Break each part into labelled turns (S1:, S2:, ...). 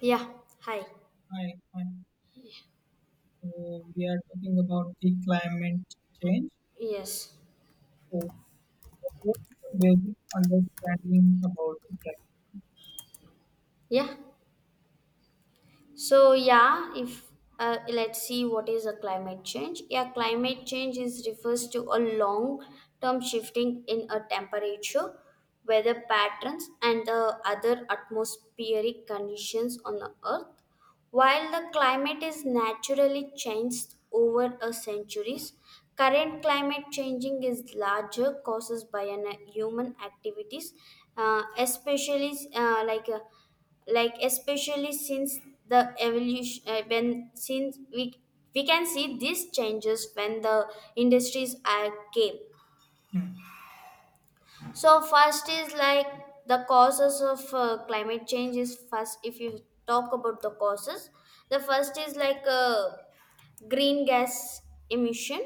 S1: Yeah, hi.
S2: Hi, hi. So we are talking about the climate change.
S1: Yes.
S2: So what is the basic understanding about the climate?
S1: Yeah, So yeah, if Let's see what is a climate change. Yeah, climate change is refers to a long term shifting in a temperature, weather patterns, and the other atmospheric conditions on the Earth. While the climate is naturally changed over a centuries, current climate changing is larger causes by human activities, especially especially since the evolution when since we can see these changes when the industries are came.
S2: Hmm.
S1: So first is like the causes of climate change is first. If you talk about the causes, the first is like green gas emission.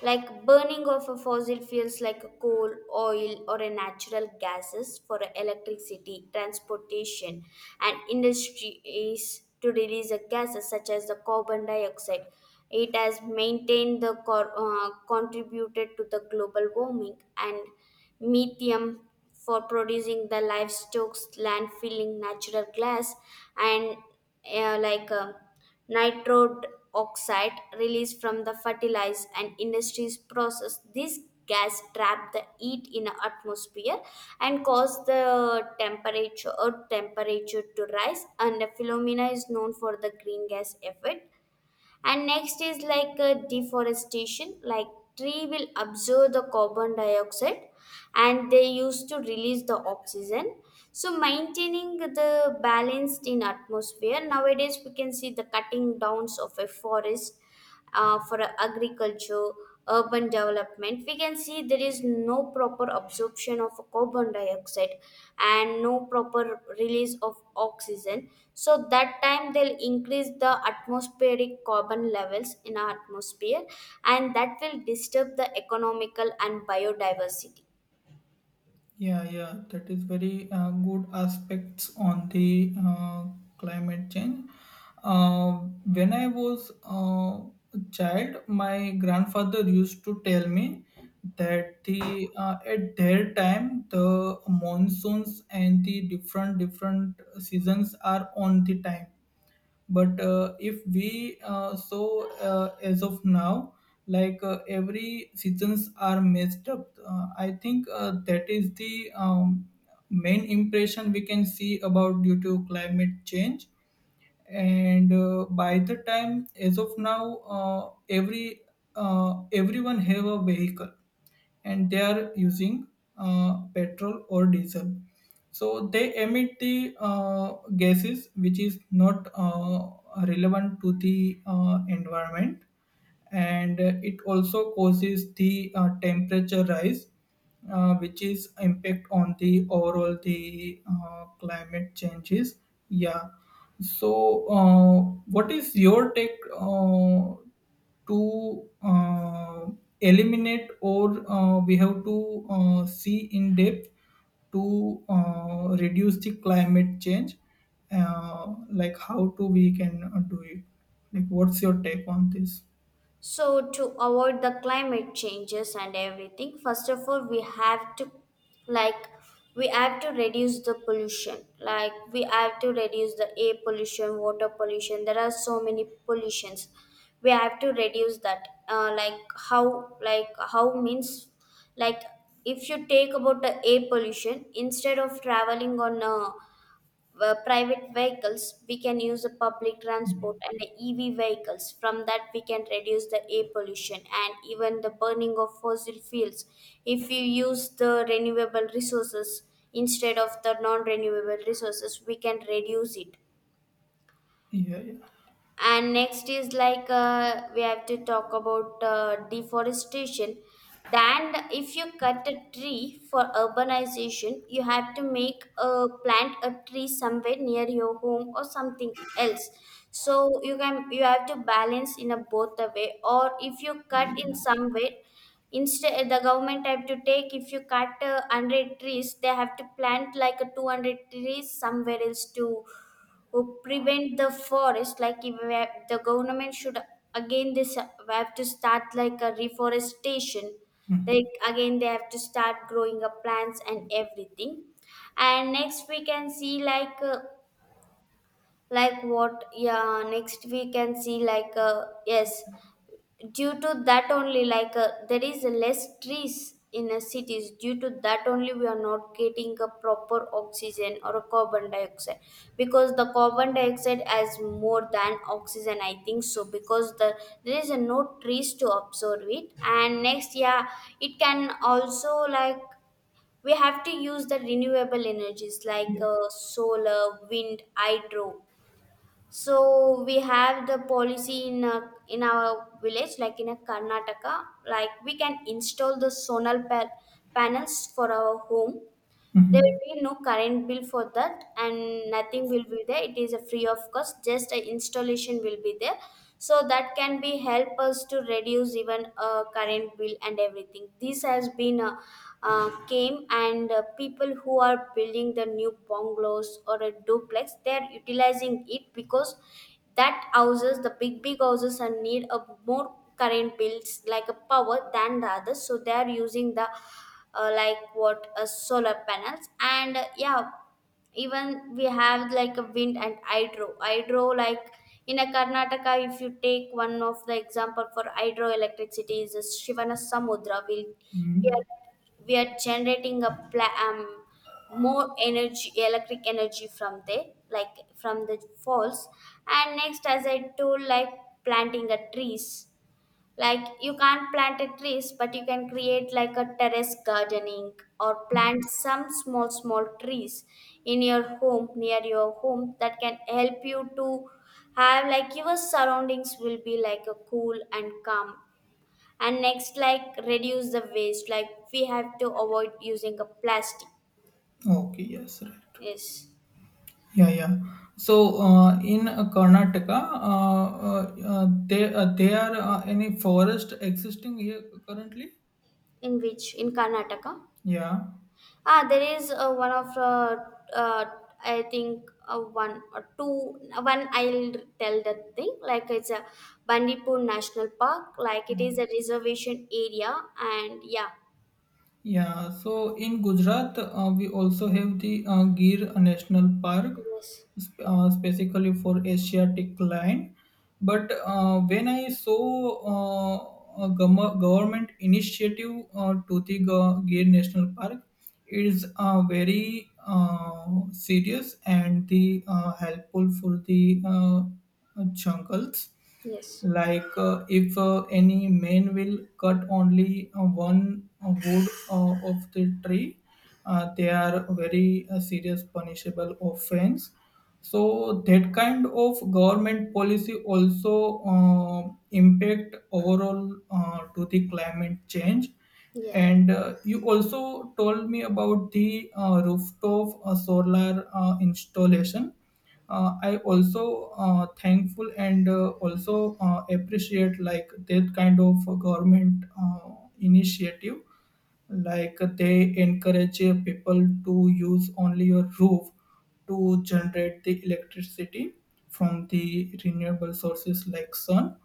S1: Like burning of a fossil fuels like coal, oil, or a natural gases for electricity, transportation, and industry is to release the gases such as the carbon dioxide. It has maintained the contributed to the global warming, and methane for producing the livestock, landfilling, natural gas, and uh, like um nitrode oxide released from the fertilizer and industries process. This gas trap the heat in the atmosphere and cause the temperature to rise, and the phenomena is known for the green gas effect. And next is like deforestation. Like tree will absorb the carbon dioxide and they used to release the oxygen, so maintaining the balance in atmosphere. Nowadays we can see the cutting downs of a forest for agriculture, urban development. We can see there is no proper absorption of carbon dioxide and no proper release of oxygen. So that time they'll increase the atmospheric carbon levels in our atmosphere, and that will disturb the economical and biodiversity.
S2: Yeah, yeah, that is very good aspects on the climate change. Uh, when I was a child, my grandfather used to tell me that the at their time the monsoons and the different different seasons are on the time, but if we so as of now, like every seasons are messed up. I think that is the main impression we can see about due to climate change. And by the time, as of now everyone have a vehicle and they are using petrol or diesel, so they emit the gases which is not relevant to the environment, and it also causes the temperature rise, which is impact on the overall the climate changes, yeah. So, what is your take to eliminate, or we have to see in depth to reduce the climate change? Like, how to we can do it? Like, what's your take on this?
S1: So to avoid the climate changes and everything, first of all, we have to, like we have to reduce the pollution. Like we have to reduce the air pollution, water pollution. There are so many pollutions. We have to reduce that. Like how Means like if you take about the air pollution, instead of traveling on a private vehicles, we can use the public
S2: Mm-hmm.
S1: transport and the EV vehicles. From that, we can reduce the air pollution and even the burning of fossil fuels. If you use the renewable resources instead of the non renewable resources, we can reduce it.
S2: Yeah, yeah.
S1: And next is like we have to talk about deforestation. Then if you cut a tree for urbanization, you have to make a plant a tree somewhere near your home or something else, so you can, you have to balance in a both the way. Or if you cut in somewhere, instead the government have to take, if you cut 100 trees, they have to plant like a 200 trees somewhere else to who prevent the forest. Like if we have, the government should, again this we have to start like a reforestation.
S2: Hmm.
S1: Like again they have to start growing up plants and everything. And next we can see like what yeah next we can see like yes, due to that only, like there is less trees in cities. Due to that only, we are not getting a proper oxygen or a carbon dioxide, because the carbon dioxide has more than oxygen, I think so, because there is no trees to absorb it. And next, yeah, it can also like we have to use the renewable energies like
S2: Yeah.
S1: solar, wind, hydro. So we have the policy in a, in our village, like in a Karnataka, like we can install the panels for our home. There
S2: Mhm.
S1: will be no current bill for that, and nothing will be there. It is a free of cost. Just a installation will be there, so that can be help us to reduce even current bill and everything. This has been came. And people who are building the new bungalows or a duplex, they are utilizing it, because that houses, the big big houses are need a more current bills like a power than the others, so they are using the like what solar panels and yeah. Even we have like a wind and hydro, like in a Karnataka, if you take one of the example for hydroelectricity is a Shivana Samudra. We
S2: Mhm.
S1: are we are generating a more energy, electric energy from there, like from the falls. And next, as I told, like planting a trees, like you can't plant a trees, but you can create like a terrace gardening or plant some small small trees in your home, near your home, that can help you to have like your surroundings will be like a cool and calm. And next, like reduce the waste, like we have to avoid using a plastic.
S2: Okay. Yes. Right.
S1: Yes.
S2: Yeah, yeah. So in Karnataka, they are any forest existing here currently?
S1: In which? In Karnataka?
S2: Yeah.
S1: Ah, there is one of uh, I think one or two. One I'll tell that thing. Like it's a Bandipur National Park. Like it is a reservation area, and yeah,
S2: Yeah, so in Gujarat, we also have the Gir National Park,
S1: yes,
S2: specifically for Asiatic lion. But when I saw a government initiative to the Gir National Park, it is very serious and the helpful for the jungles,
S1: yes,
S2: like if any man will cut only one wood of the tree, they are very serious punishable offense. So that kind of government policy also impact overall to the climate change.
S1: yeah,
S2: And you also told me about the rooftop solar installation. I also thankful and also appreciate like that kind of government initiative, like they encourage people to use only your roof to generate the electricity from the renewable sources like sun.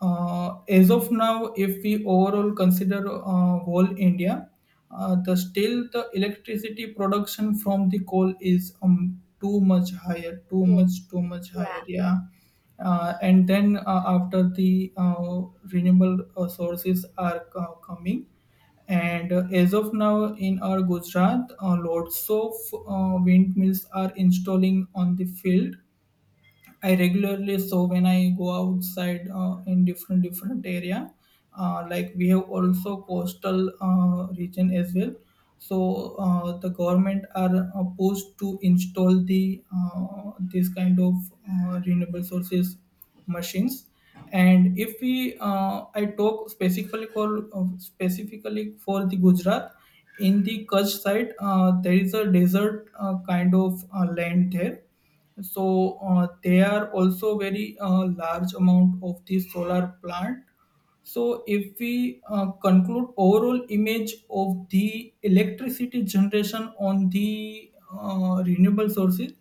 S2: As of now, if we overall consider whole India, the still the electricity production from the coal is too much higher, too much,
S1: yes,
S2: too much higher.
S1: yeah.
S2: Yeah, and then after the renewable sources are coming, and as of now in our Gujarat, lots of windmills are installing on the field. I regularly So when I go outside in different different area, like we have also coastal region as well. So the government are pushed to install the this kind of renewable sources machines. And if we I talk specifically for the Gujarat, in the Kutch side, there is a desert kind of land there. So they are also very large amount of the solar plant. So, if we conclude overall image of the electricity generation on the renewable sources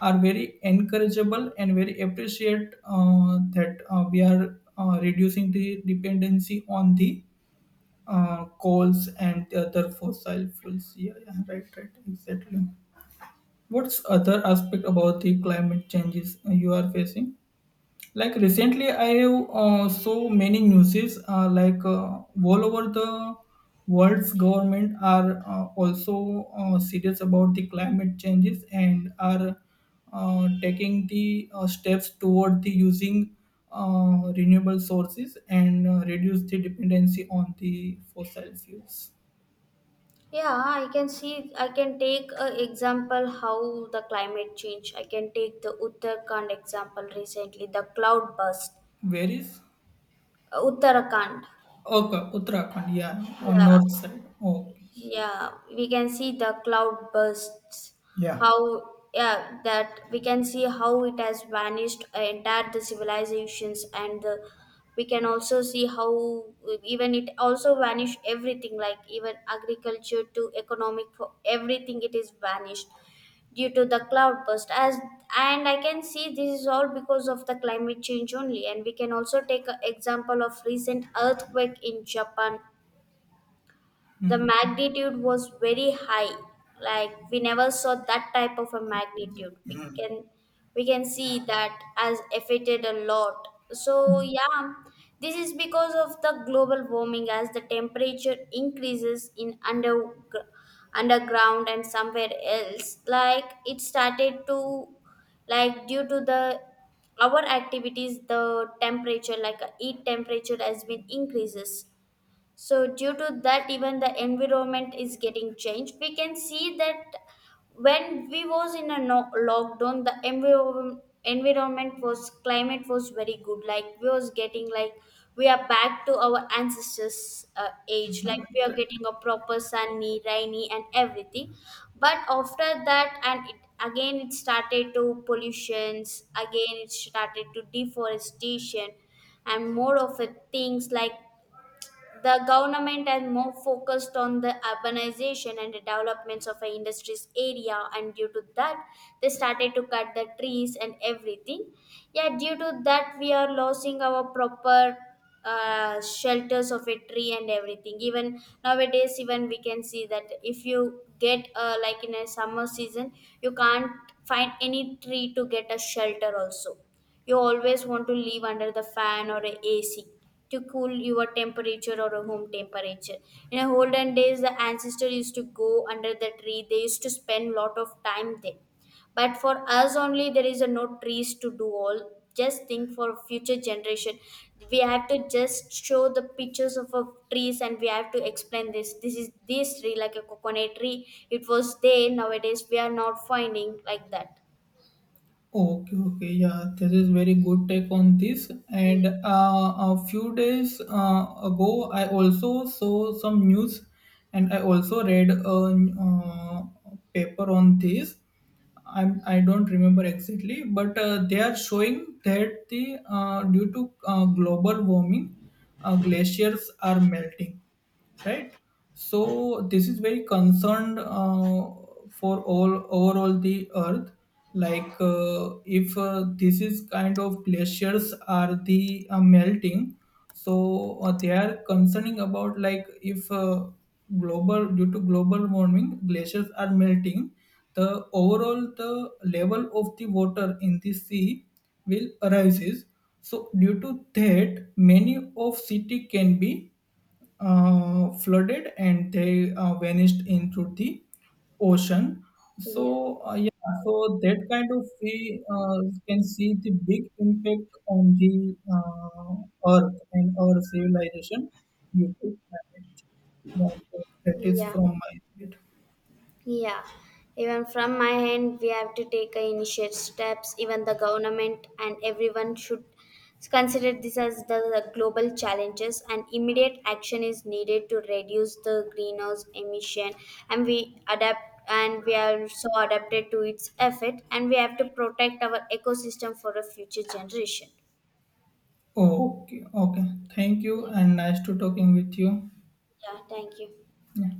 S2: are very encourageable and very appreciate that we are reducing the dependency on the coals and the other fossil fuels. Yeah, yeah, right, right, exactly. What's other aspect about the climate changes you are facing? Like recently I have so many newses like all over the world's government are also serious about the climate changes and are taking the steps toward the using renewable sources and reduce the dependency on the fossil fuels.
S1: Yeah, I can see. I can take a example how the climate change. I can take the Uttarakhand example, recently the cloud burst.
S2: Where is?
S1: Uttarakhand.
S2: Okay, Uttarakhand, yeah, on
S1: Yeah,
S2: north side. Okay.
S1: yeah, we can see the cloud bursts,
S2: Yeah.
S1: how, yeah, that we can see how it has vanished entire the civilizations. And the, we can also see how even it also vanished everything, like even agriculture to economic, for everything it is vanished due to the cloud burst as. And I can see this is all because of the climate change only. And we can also take an example of recent earthquake in Japan. The magnitude was very high, like we never saw that type of a magnitude. We can see that has affected a lot. So yeah, this is because of the global warming. As the temperature increases in under underground and somewhere else, like it started to, like due to the our activities, the temperature, like heat temperature has been increases. So due to that, even the environment is getting changed. We can see that when we was in a lockdown, the environment was, climate was very good. Like we was getting like we are back to our ancestors' age. Like we are getting a proper sunny, rainy, and everything. But after that, and it, again it started to pollutions. Again it started to deforestation and more of a things, like the government has more focused on the urbanization and the developments of a industries area, and due to that, they started to cut the trees and everything. Yeah, due to that, we are losing our proper shelters of a tree and everything. Even nowadays, even we can see that if you get like in a summer season, you can't find any tree to get a shelter also. You always want to live under the fan or a AC to cool your temperature or a home temperature. In a olden days, the ancestors used to go under the tree. They used to spend lot of time there. But for us only, there is a no trees to do all. Just think for future generation. We have to just show the pictures of trees, and we have to explain this. This is this tree, like a coconut tree. It was there. Nowadays we are not finding like that.
S2: Okay, okay, yeah, this is very good take on this.
S1: Yeah.
S2: And a few days ago, I also saw some news, and I also read a paper on this. I don't remember exactly, but they are showing that the due to global warming, glaciers are melting, right? So this is very concerned for all overall the Earth. Like if this is kind of glaciers are the melting, so they are concerning about like if global due to global warming glaciers are melting, the overall the level of the water in the sea will rises, so due to that many of city can be flooded and they vanished into the ocean. So
S1: Yeah.
S2: yeah, so that kind of we can see the big impact on the uh, earth and our civilization due to climate change, yeah, so that is
S1: Yeah.
S2: from my side.
S1: Yeah, even from my end, we have to take a initiate steps. Even the government and everyone should consider this as the global challenges, and immediate action is needed to reduce the greenhouse emission. And we adapt, and we are so adapted to its effect, and we have to protect our ecosystem for a future generation.
S2: Okay, okay. Thank you
S1: Yeah,
S2: and nice to talking with you.
S1: yeah, thank you.
S2: Yeah.